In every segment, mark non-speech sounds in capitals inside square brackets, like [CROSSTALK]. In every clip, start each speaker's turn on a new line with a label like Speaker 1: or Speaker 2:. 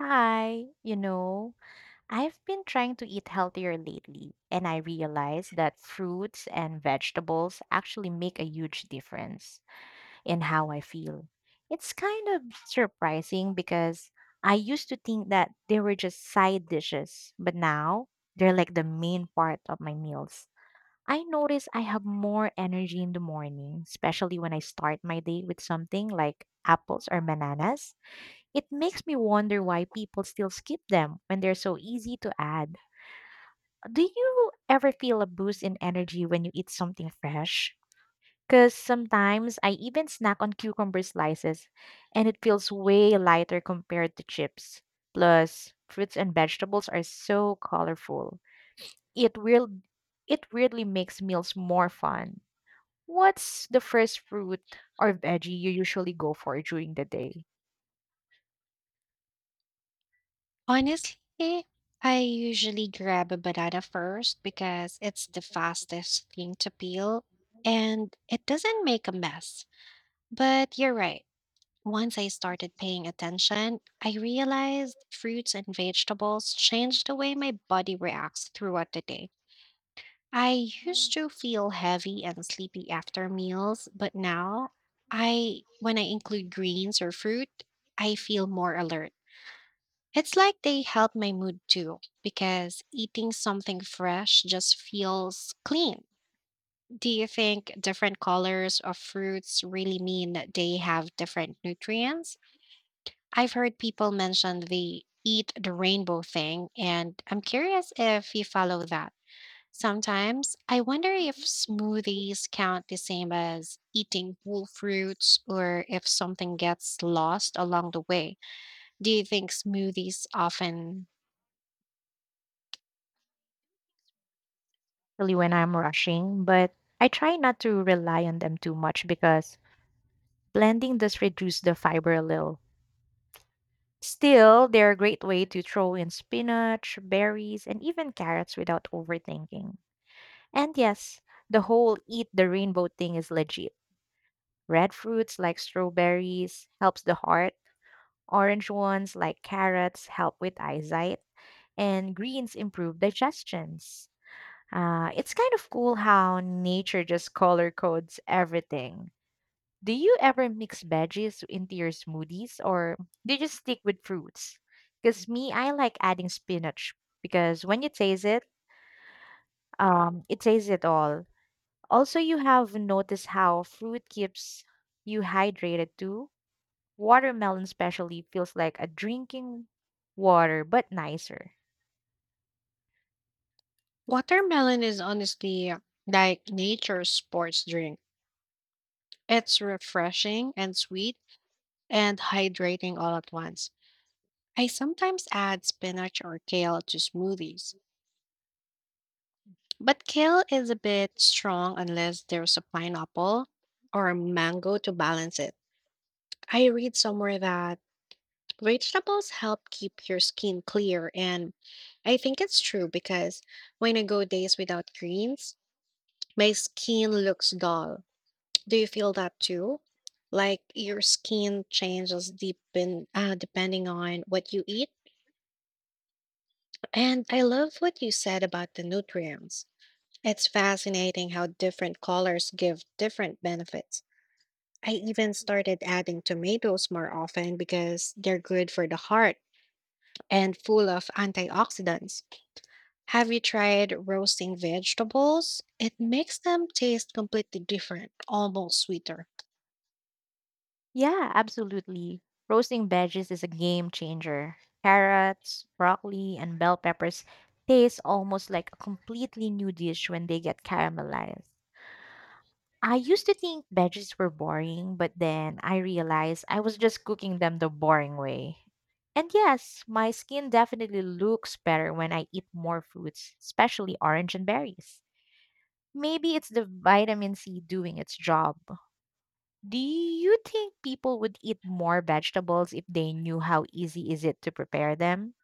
Speaker 1: Hi, you know, I've been trying to eat healthier lately, and I realized that fruits and vegetables actually make a huge difference in how I feel. It's kind of surprising because I used to think that they were just side dishes, but now they're like the main part of my meals. I notice I have more energy in the morning, especially when I start my day with something like apples or bananas. It makes me wonder why people still skip them when they're so easy to add. Do you ever feel a boost in energy when you eat something fresh? Because sometimes I even snack on cucumber slices and it feels way lighter compared to chips. Plus, fruits and vegetables are so colorful. It will it really makes meals more fun. What's the first fruit or veggie you usually go for during the day?
Speaker 2: Honestly, I usually grab a banana first because it's the fastest thing to peel and it doesn't make a mess. But you're right. Once I started paying attention, I realized fruits and vegetables change the way my body reacts throughout the day. I used to feel heavy and sleepy after meals, but now I when I include greens or fruit, I feel more alert. It's like they help my mood too, because eating something fresh just feels clean. Do you think different colors of fruits really mean that they have different nutrients? I've heard people mention the eat the rainbow thing, and I'm curious if you follow that. Sometimes I wonder if smoothies count the same as eating whole fruits or if something gets lost along the way. Do you think smoothies often
Speaker 1: Especially when I'm rushing, but I try not to rely on them too much because blending does reduce the fiber a little. Still, they're a great way to throw in spinach, berries, and even carrots without overthinking. And yes, the whole eat the rainbow thing is legit. Red fruits like strawberries helps the heart, orange ones like carrots help with eyesight, and greens improve digestions. It's kind of cool how nature just color codes everything. Do you ever mix veggies into your smoothies or do you just stick with fruits? Because me, I like adding spinach because when you taste it, it tastes it all. Also, you have noticed how fruit keeps you hydrated too. Watermelon, especially, feels like a drinking water, but nicer.
Speaker 2: Watermelon is honestly like nature's sports drink. It's refreshing and sweet and hydrating all at once. I sometimes add spinach or kale to smoothies, but kale is a bit strong unless there's a pineapple or a mango to balance it. I read somewhere that vegetables help keep your skin clear, and I think it's true because when I go days without greens, my skin looks dull. Do you feel that too? Like your skin changes depending on what you eat? And I love what you said about the nutrients. It's fascinating how different colors give different benefits. I even started adding tomatoes more often because they're good for the heart and full of antioxidants. Have you tried roasting vegetables? It makes them taste completely different, almost sweeter.
Speaker 1: Yeah, absolutely. Roasting veggies is a game changer. Carrots, broccoli, and bell peppers taste almost like a completely new dish when they get caramelized. I used to think veggies were boring, but then I realized I was just cooking them the boring way. And yes, my skin definitely looks better when I eat more fruits, especially orange and berries. Maybe it's the vitamin C doing its job. Do you think people would eat more vegetables if they knew how easy is it to prepare them?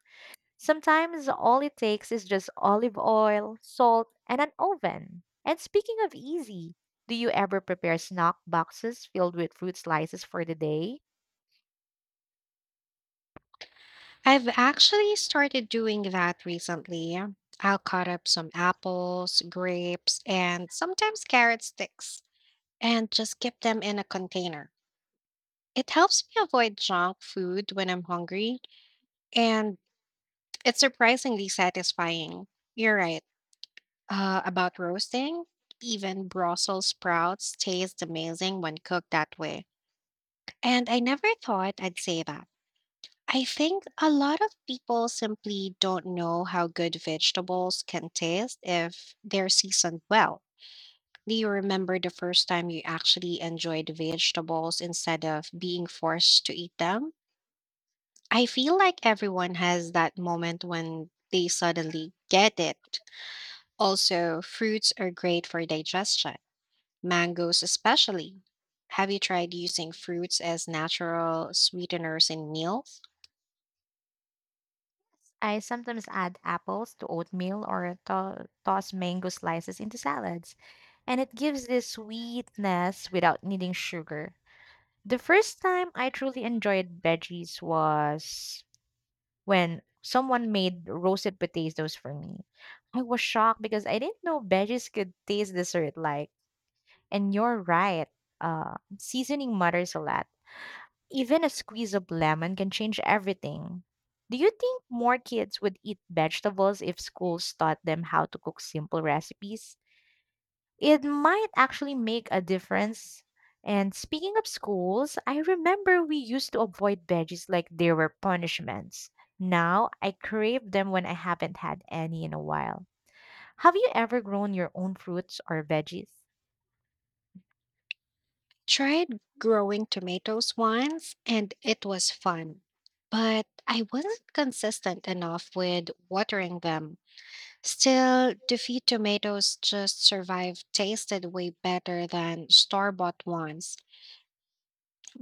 Speaker 1: Sometimes all it takes is just olive oil, salt, and an oven. And speaking of easy, do you ever prepare snack boxes filled with fruit slices for the day?
Speaker 2: I've actually started doing that recently. I'll cut up some apples, grapes, and sometimes carrot sticks and just keep them in a container. It helps me avoid junk food when I'm hungry, and it's surprisingly satisfying. You're right, about roasting. Even Brussels sprouts taste amazing when cooked that way. And I never thought I'd say that. I think a lot of people simply don't know how good vegetables can taste if they're seasoned well. Do you remember the first time you actually enjoyed vegetables instead of being forced to eat them? I feel like everyone has that moment when they suddenly get it. Also, fruits are great for digestion, mangoes especially. Have you tried using fruits as natural sweeteners in meals?
Speaker 1: I sometimes add apples to oatmeal or toss mango slices into salads, and it gives this sweetness without needing sugar. The first time I truly enjoyed veggies was when someone made roasted potatoes for me. I was shocked because I didn't know veggies could taste dessert like. And you're right, seasoning matters a lot. Even a squeeze of lemon can change everything. Do you think more kids would eat vegetables if schools taught them how to cook simple recipes? It might actually make a difference. And speaking of schools, I remember we used to avoid veggies like they were punishments. Now I crave them when I haven't had any in a while. Have you ever grown your own fruits or veggies?
Speaker 2: Tried growing tomatoes once and it was fun, but I wasn't consistent enough with watering them. Still, the few tomatoes just survived tasted way better than store bought ones.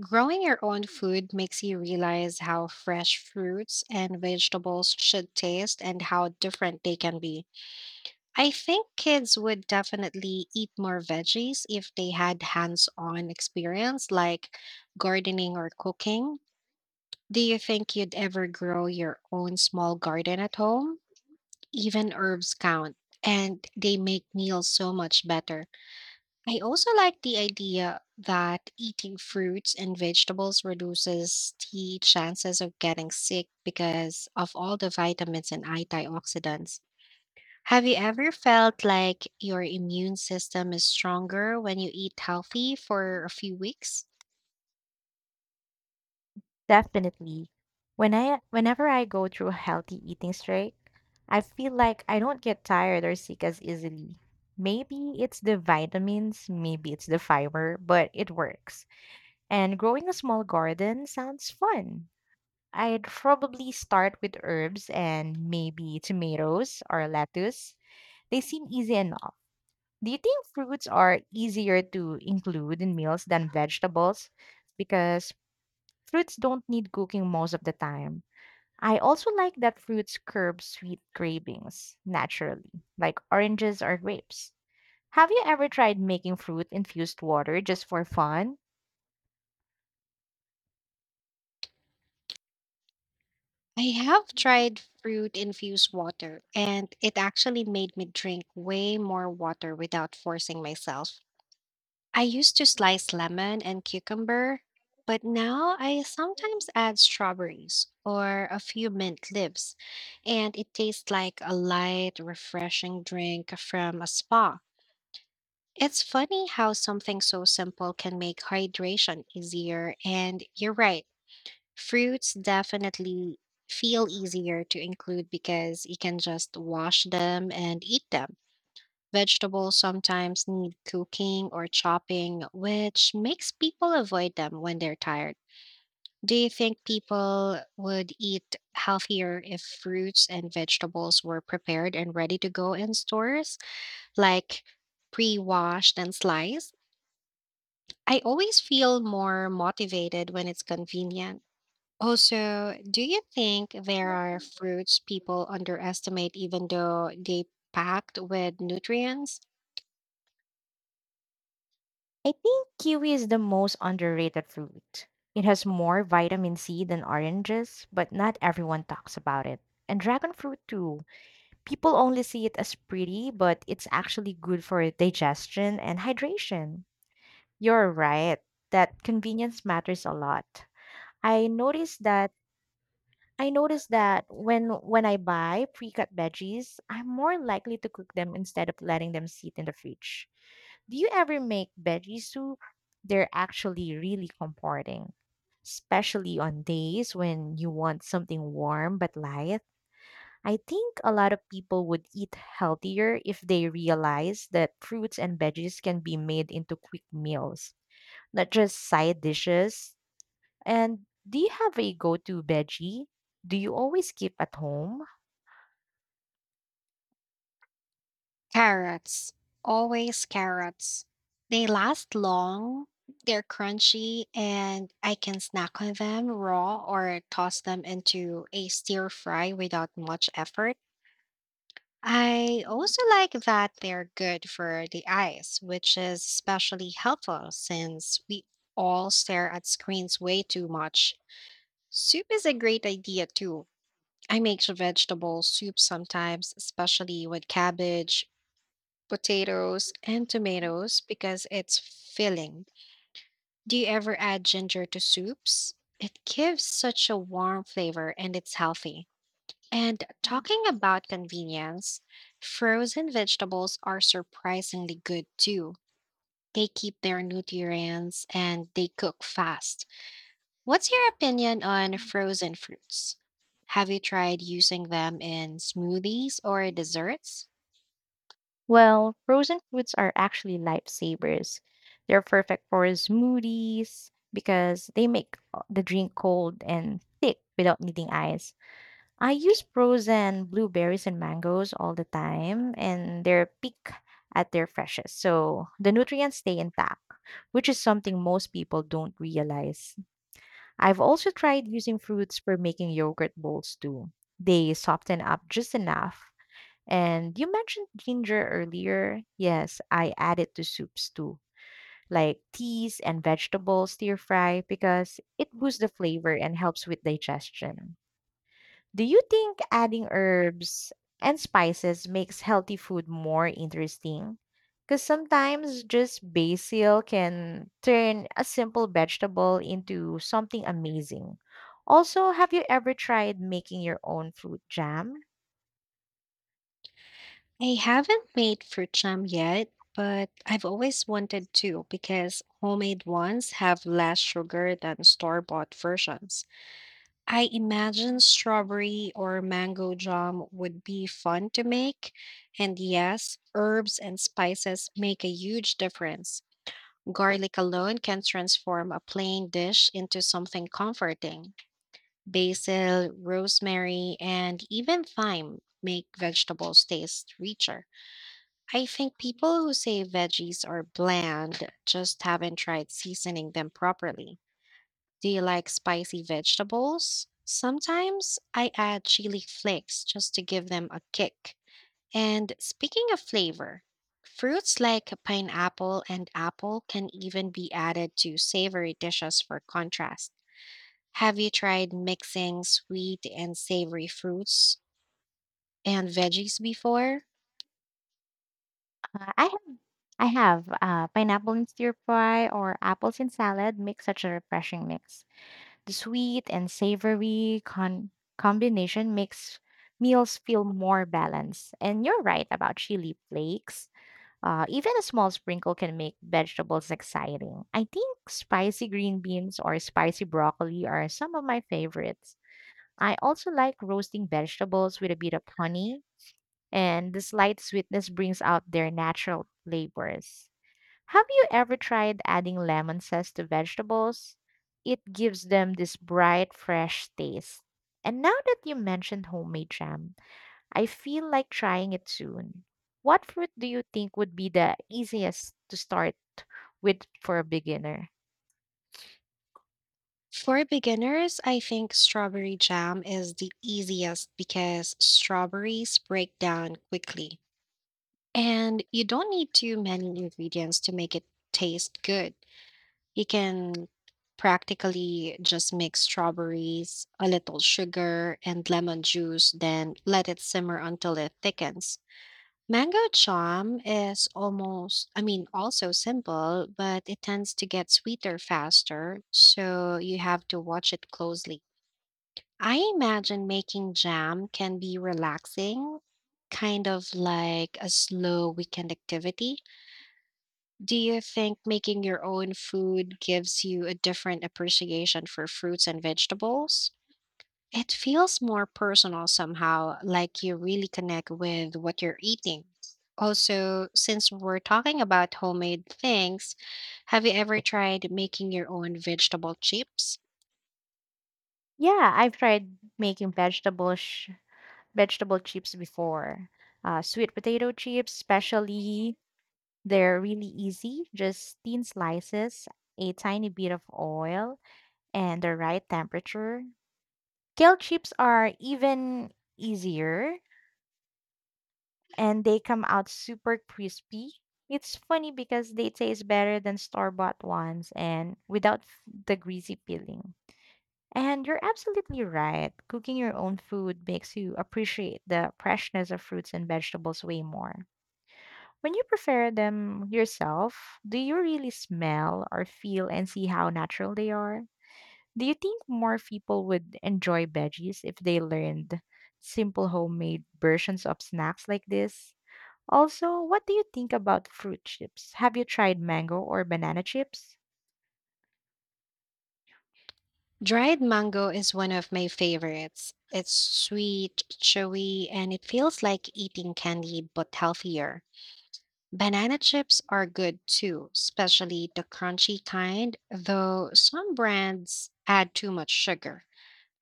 Speaker 2: Growing your own food makes you realize how fresh fruits and vegetables should taste and how different they can be. I think kids would definitely eat more veggies if they had hands on experience like gardening or cooking. Do you think you'd ever grow your own small garden at home? Even herbs count, and they make meals so much better. I also like the idea that eating fruits and vegetables reduces the chances of getting sick because of all the vitamins and antioxidants. Have you ever felt like your immune system is stronger when you eat healthy for a few weeks?
Speaker 1: Definitely. Whenever I go through a healthy eating streak, I feel like I don't get tired or sick as easily. Maybe it's the vitamins, maybe it's the fiber, but it works. And growing a small garden sounds fun. I'd probably start with herbs and maybe tomatoes or lettuce. They seem easy enough. Do you think fruits are easier to include in meals than vegetables? Because fruits don't need cooking most of the time. I also like that fruits curb sweet cravings naturally, like oranges or grapes. Have you ever tried making fruit infused water just for fun?
Speaker 2: I have tried fruit infused water, and it actually made me drink way more water without forcing myself. I used to slice lemon and cucumber, but now I sometimes add strawberries or a few mint leaves, and it tastes like a light, refreshing drink from a spa. It's funny how something so simple can make hydration easier, and you're right. Fruits definitely feel easier to include because you can just wash them and eat them. Vegetables sometimes need cooking or chopping, which makes people avoid them when they're tired. Do you think people would eat healthier if fruits and vegetables were prepared and ready to go in stores, like pre washed and sliced? I always feel more motivated when it's convenient. Also, do you think there are fruits people underestimate even though they packed with nutrients?
Speaker 1: I think kiwi is the most underrated fruit. It has more vitamin C than oranges, but not everyone talks about it. And dragon fruit too. People only see it as pretty, but it's actually good for digestion and hydration. You're right that convenience matters a lot. I noticed that I noticed that when I buy pre-cut veggies, I'm more likely to cook them instead of letting them sit in the fridge. Do you ever make veggie soup? They're actually really comforting, especially on days when you want something warm but light. I think a lot of people would eat healthier if they realize that fruits and veggies can be made into quick meals, not just side dishes. And do you have a go to veggie? Do you always keep at home?
Speaker 2: Carrots, always carrots. They last long, they're crunchy, and I can snack on them raw or toss them into a stir fry without much effort. I also like that they're good for the eyes, which is especially helpful since we all stare at screens way too much. Soup is a great idea too. I make some vegetable soup sometimes, especially with cabbage, potatoes, and tomatoes because it's filling. Do you ever add ginger to soups? It gives such a warm flavor and it's healthy. And talking about convenience, frozen vegetables are surprisingly good too. They keep their nutrients and they cook fast. What's your opinion on frozen fruits? Have you tried using them in smoothies or desserts?
Speaker 1: Well, frozen foods are actually lifesavers. They're perfect for smoothies because they make the drink cold and thick without needing ice. I use frozen blueberries and mangoes all the time, and they're peak at their freshest. So the nutrients stay intact, which is something most people don't realize. I've also tried using fruits for making yogurt bowls too. They soften up just enough. And you mentioned ginger earlier. Yes, I add it to soups too, like teas and vegetable stir fry because it boosts the flavor and helps with digestion. Do you think adding herbs and spices makes healthy food more interesting? Because sometimes just basil can turn a simple vegetable into something amazing. Also, have you ever tried making your own fruit jam?
Speaker 2: I haven't made fruit jam yet, but I've always wanted to because homemade ones have less sugar than store bought versions. I imagine strawberry or mango jam would be fun to make. And yes, herbs and spices make a huge difference. Garlic alone can transform a plain dish into something comforting. Basil, rosemary, and even thyme make vegetables taste richer. I think people who say veggies are bland just haven't tried seasoning them properly. Do you like spicy vegetables? Sometimes I add chili flakes just to give them a kick. And speaking of flavor, fruits like pineapple and apple can even be added to savory dishes for contrast. Have you tried mixing sweet and savory fruits and veggies before?
Speaker 1: Uh, I have I have Pineapple in stir fry or apples in salad make such a refreshing mix. The sweet and savory combination makes meals feel more balanced. And you're right about chili flakes. Even a small sprinkle can make vegetables exciting. I think spicy green beans or spicy broccoli are some of my favorites. I also like roasting vegetables with a bit of honey, and the slight sweetness brings out their natural flavors. Have you ever tried adding lemon zest to vegetables? It gives them this bright, fresh taste. And now that you mentioned homemade jam, I feel like trying it soon. What fruit do you think would be the easiest to start with for a beginner?
Speaker 2: For beginners, I think strawberry jam is the easiest because strawberries break down quickly. And you don't need too many ingredients to make it taste good. You can practically just mix strawberries, a little sugar, and lemon juice, then let it simmer until it thickens. Mango charm is almost, I mean, also simple, but it tends to get sweeter faster, so you have to watch it closely. I imagine making jam can be relaxing, kind of like a slow weekend activity. Do you think making your own food gives you a different appreciation for fruits and vegetables? It feels more personal somehow, like you really connect with what you're eating. Also, since we're talking about homemade things, have you ever tried making your own vegetable chips?
Speaker 1: Yeah, I've tried making vegetable chips before. Sweet potato chips, especially, they're really easy. Just thin slices, a tiny bit of oil, and the right temperature. Kale chips are even easier and they come out super crispy. It's funny because they taste better than store bought ones and without the greasy peeling. And you're absolutely right. Cooking your own food makes you appreciate the freshness of fruits and vegetables way more. When you prepare them yourself, do you really smell or feel and see how natural they are? Do you think more people would enjoy veggies if they learned simple homemade versions of snacks like this? Also, what do you think about fruit chips? Have you tried mango or banana chips?
Speaker 2: Dried mango is one of my favorites. It's sweet, chewy, and it feels like eating candy but healthier. Banana chips are good too, especially the crunchy kind, though some brands add too much sugar.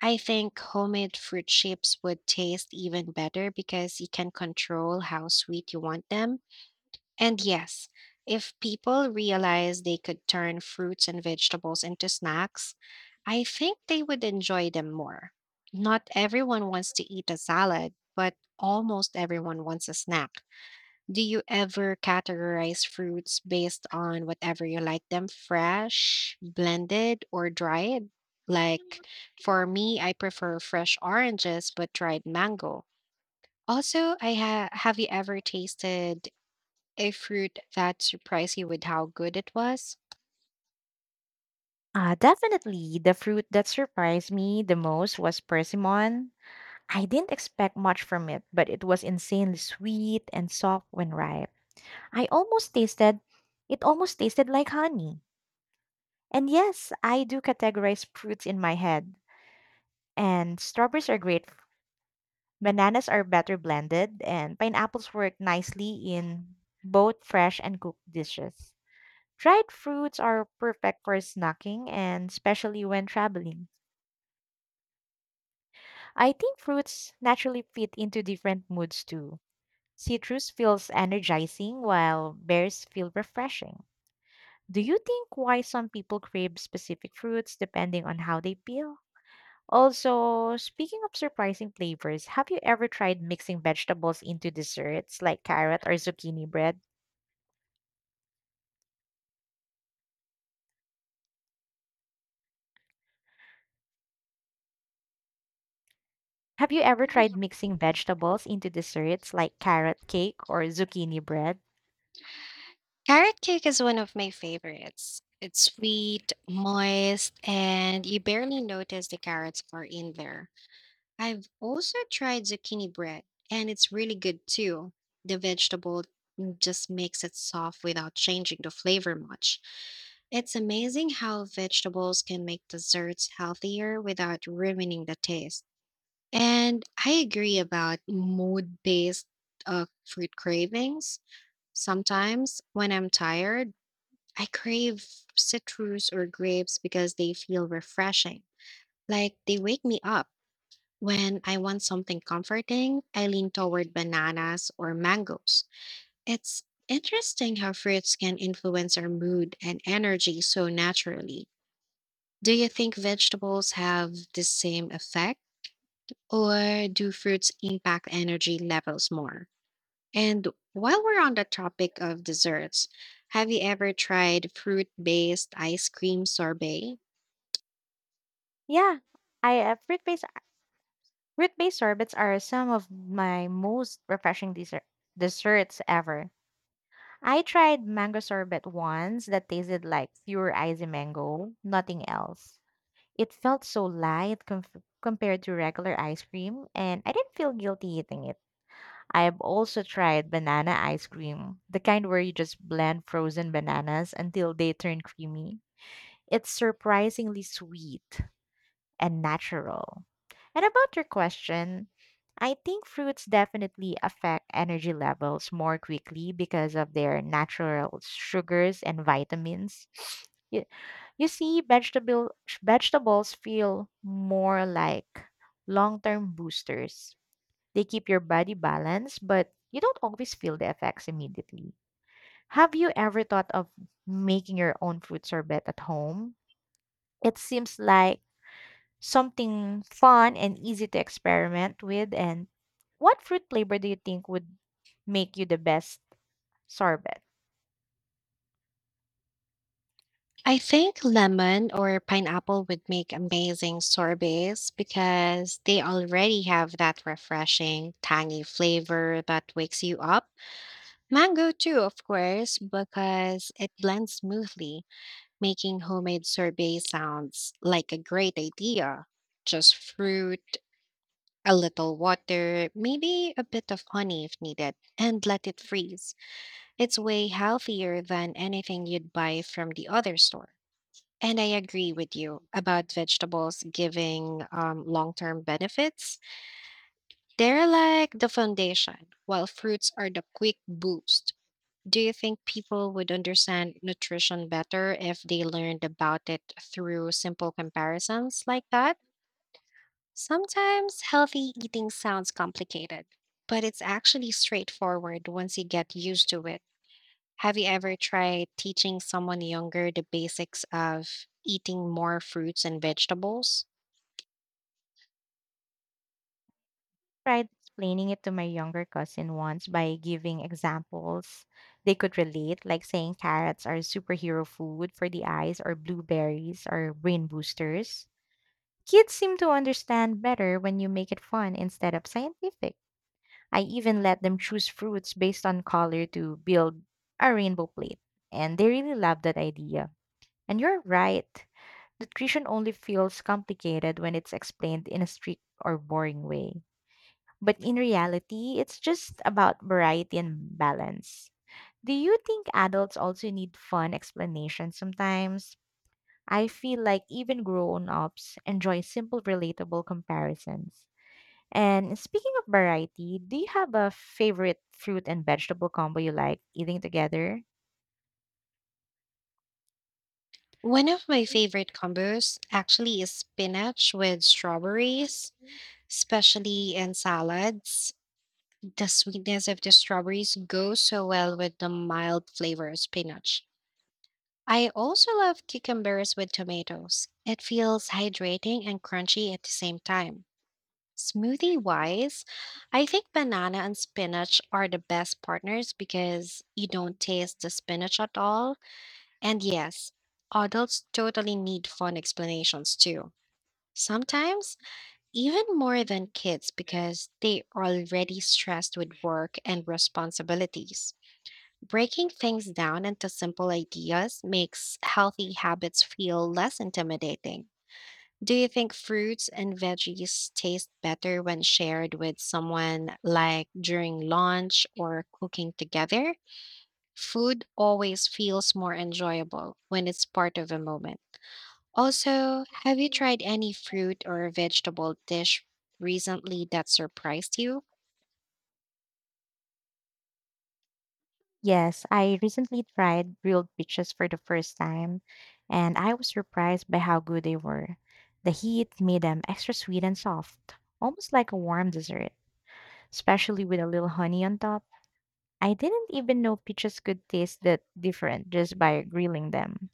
Speaker 2: I think homemade fruit chips would taste even better because you can control how sweet you want them. And yes, if people realize they could turn fruits and vegetables into snacks, I think they would enjoy them more. Not everyone wants to eat a salad, but almost everyone wants a snack. Do you ever categorize fruits based on whatever you like them fresh, blended, or dried? Like for me, I prefer fresh oranges but dried mango. Also, have you ever tasted a fruit that surprised you with how good it was?
Speaker 1: Definitely. The fruit that surprised me the most was persimmon. I didn't expect much from it, but it was insanely sweet and soft when ripe. I almost tasted it almost tasted like honey. And yes, I do categorize fruits in my head. And strawberries are great. Bananas are better blended, and pineapples work nicely in both fresh and cooked dishes. Dried fruits are perfect for snacking and especially when traveling. I think fruits naturally fit into different moods too. Citrus feels energizing while bears feel refreshing. Do you think why some people crave specific fruits depending on how they feel? Also, speaking of surprising flavors, have you ever tried mixing vegetables into desserts like carrot or zucchini bread? Have you ever tried mixing vegetables into desserts like carrot cake or zucchini bread?
Speaker 2: Carrot cake is one of my favorites. It's sweet, moist, and you barely notice the carrots are in there. I've also tried zucchini bread, and it's really good too. The vegetable just makes it soft without changing the flavor much. It's amazing how vegetables can make desserts healthier without ruining the taste. And I agree about mood based fruit cravings. Sometimes when I'm tired, I crave citrus or grapes because they feel refreshing, like they wake me up. When I want something comforting, I lean toward bananas or mangoes. It's interesting how fruits can influence our mood and energy so naturally. Do you think vegetables have the same effect, or do fruits impact energy levels more? And while we're on the topic of desserts, have you ever tried fruit based ice cream sorbet?
Speaker 1: Yeah, I fruit-based sorbets are some of my most refreshing desserts ever. I tried mango sorbet once that tasted like pure icy mango, nothing else. It felt so light comf compared to regular ice cream, and I didn't feel guilty eating it. I have also tried banana ice cream, the kind where you just blend frozen bananas until they turn creamy. It's surprisingly sweet, and natural. And about your question, I think fruits definitely affect energy levels more quickly because of their natural sugars and vitamins. [SNIFFS] You, you see, vegetables feel more like long term boosters. They keep your body balanced, but you don't always feel the effects immediately. Have you ever thought of making your own fruit sorbet at home? It seems like something fun and easy to experiment with? And what fruit flavor do you think would make you the best sorbet?
Speaker 2: I think lemon or pineapple would make amazing sorbets because they already have that refreshing, tangy flavor that wakes you up. Mango, too, of course, because it blends smoothly, making homemade sorbet sounds like a great idea. Just fruit, a little water, maybe a bit of honey if needed, and let it freeze. It's way healthier than anything you'd buy from the other store. And I agree with you about vegetables giving long term benefits. They're like the foundation, while fruits are the quick boost. Do you think people would understand nutrition better if they learned about it through simple comparisons like that? Sometimes healthy eating sounds complicated, but it's actually straightforward once you get used to it. Have you ever tried teaching someone younger the basics of eating more fruits and vegetables?
Speaker 1: Tried explaining it to my younger cousin once by giving examples they could relate, like saying carrots are superhero food for the eyes, or blueberries are brain boosters. Kids seem to understand better when you make it fun instead of scientific. I even let them choose fruits based on color to build a rainbow plate, and they really love that idea. And you're right. Nutrition only feels complicated when it's explained in a strict or boring way. But in reality, it's just about variety and balance. Do you think adults also need fun explanations sometimes? I feel like even grown ups enjoy simple, relatable comparisons. And speaking of variety, do you have a favorite fruit and vegetable combo you like eating together?
Speaker 2: One of my favorite combos actually is spinach with strawberries, especially in salads. The sweetness of the strawberries goes so well with the mild flavor of spinach. I also love cucumbers with tomatoes. It feels hydrating and crunchy at the same time. Smoothie wise, I think banana and spinach are the best partners because you don't taste the spinach at all. And yes, adults totally need fun explanations too. Sometimes, even more than kids because they are already stressed with work and responsibilities. Breaking things down into simple ideas makes healthy habits feel less intimidating. Do you think fruits and veggies taste better when shared with someone, like during lunch or cooking together? Food always feels more enjoyable when it's part of a moment. Also, have you tried any fruit or vegetable dish recently that surprised you?
Speaker 1: Yes, I recently tried grilled peaches for the first time, and I was surprised by how good they were. The heat made them extra sweet and soft, almost like a warm dessert, especially with a little honey on top. I didn't even know peaches could taste that different just by grilling them.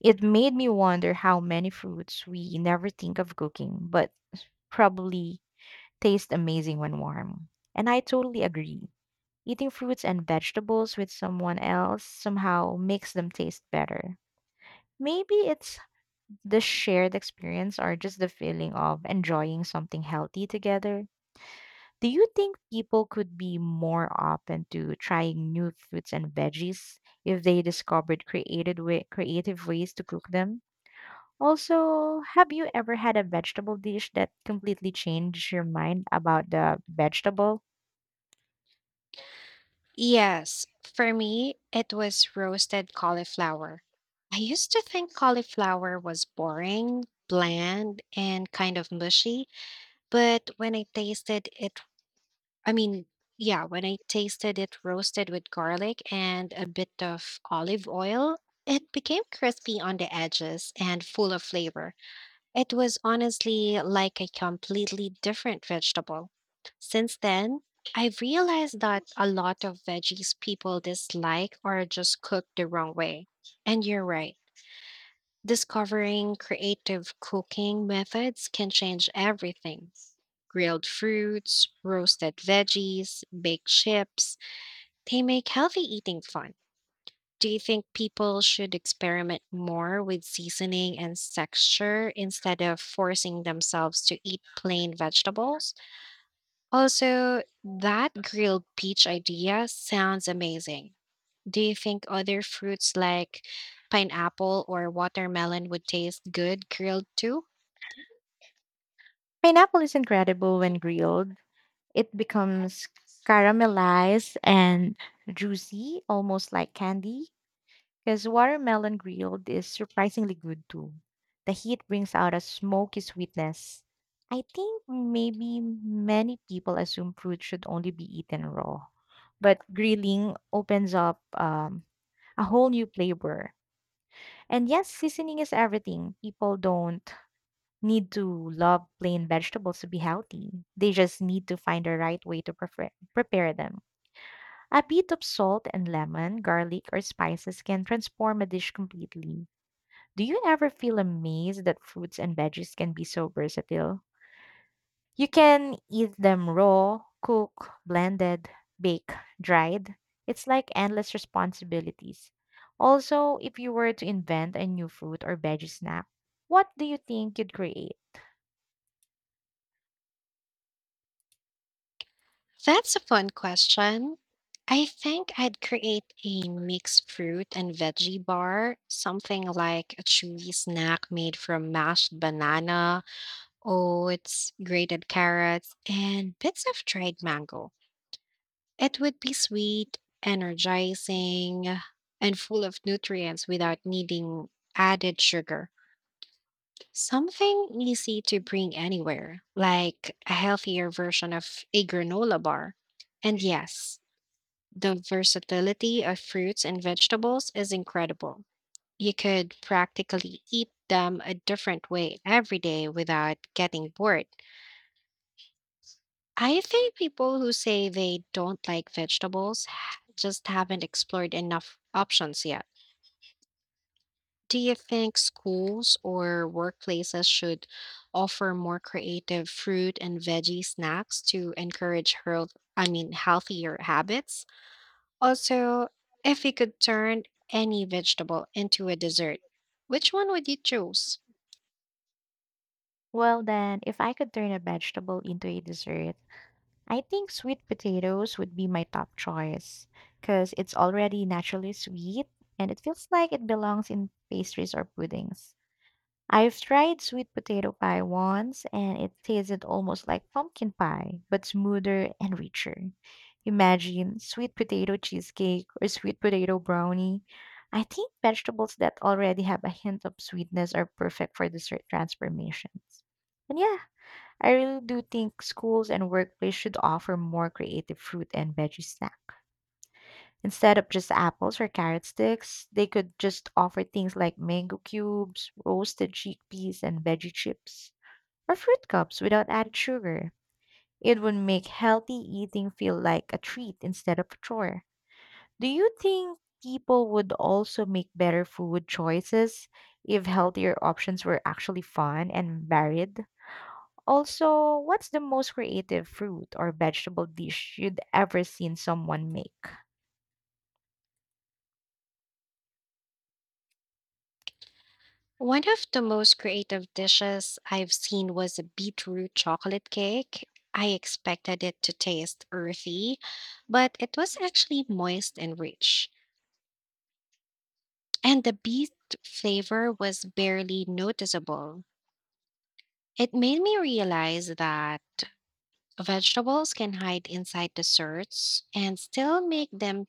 Speaker 1: It made me wonder how many fruits we never think of cooking, but probably taste amazing when warm. And I totally agree. Eating fruits and vegetables with someone else somehow makes them taste better. Maybe it's the shared experience or just the feeling of enjoying something healthy together. Do you think people could be more open to trying new fruits and veggies if they discovered creative ways to cook them? Also, have you ever had a vegetable dish that completely changed your mind about the vegetable?
Speaker 2: Yes, for me, it was roasted cauliflower. I used to think cauliflower was boring, bland, and kind of mushy, but I mean, yeah, when I tasted it roasted with garlic and a bit of olive oil, it became crispy on the edges and full of flavor. It was honestly like a completely different vegetable. Since then, I've realized that a lot of veggies people dislike are just cooked the wrong way. And you're right, discovering creative cooking methods can change everything. Grilled fruits, roasted veggies, baked chips, they make healthy eating fun. Do you think people should experiment more with seasoning and texture instead of forcing themselves to eat plain vegetables? Also, that grilled peach idea sounds amazing. Do you think other fruits like pineapple or watermelon would taste good grilled too?
Speaker 1: Pineapple is incredible when grilled. It becomes caramelized and juicy, almost like candy, because watermelon grilled is surprisingly good too. The heat brings out a smoky sweetness. I think maybe many people assume fruit should only be eaten raw, but grilling opens up a whole new flavor. And yes, seasoning is everything. People don't need to love plain vegetables to be healthy. They just need to find the right way to prepare them. A bit of salt and lemon, garlic, or spices can transform a dish completely. Do you ever feel amazed that fruits and veggies can be so versatile? You can eat them raw, cook, blended, bake, dried. It's like endless responsibilities. Also, if you were to invent a new fruit or veggie snack, what do you think you'd create?
Speaker 2: That's a fun question. I think I'd create a mixed fruit and veggie bar, something like a chewy snack made from mashed banana, Oh, it's grated carrots and bits of dried mango. It would be sweet, energizing, and full of nutrients without needing added sugar. Something easy to bring anywhere, like a healthier version of a granola bar. And yes, the versatility of fruits and vegetables is incredible. You could practically eat them a different way every day without getting bored. I think people who say they don't like vegetables just haven't explored enough options yet. Do you think schools or workplaces should offer more creative fruit and veggie snacks to encourage healthier habits? Also, if you could turn any vegetable into a dessert, which one would you choose?
Speaker 1: Well, then, if I could turn a vegetable into a dessert, I think sweet potatoes would be my top choice because it's already naturally sweet and it feels like it belongs in pastries or puddings. I've tried sweet potato pie once and it tasted almost like pumpkin pie, but smoother and richer. Imagine sweet potato cheesecake or sweet potato brownie. I think vegetables that already have a hint of sweetness are perfect for dessert transformations. And yeah, I really do think schools and workplace should offer more creative fruit and veggie snack. Instead of just apples or carrot sticks, they could just offer things like mango cubes, roasted chickpeas, and veggie chips, or fruit cups without added sugar. It would make healthy eating feel like a treat instead of a chore. Do you think people would also make better food choices if healthier options were actually fun and varied? Also, what's the most creative fruit or vegetable dish you'd ever seen someone make?
Speaker 2: One of the most creative dishes I've seen was a beetroot chocolate cake. I expected it to taste earthy, but it was actually moist and rich. And the beet flavor was barely noticeable. It made me realize that vegetables can hide inside desserts and still make them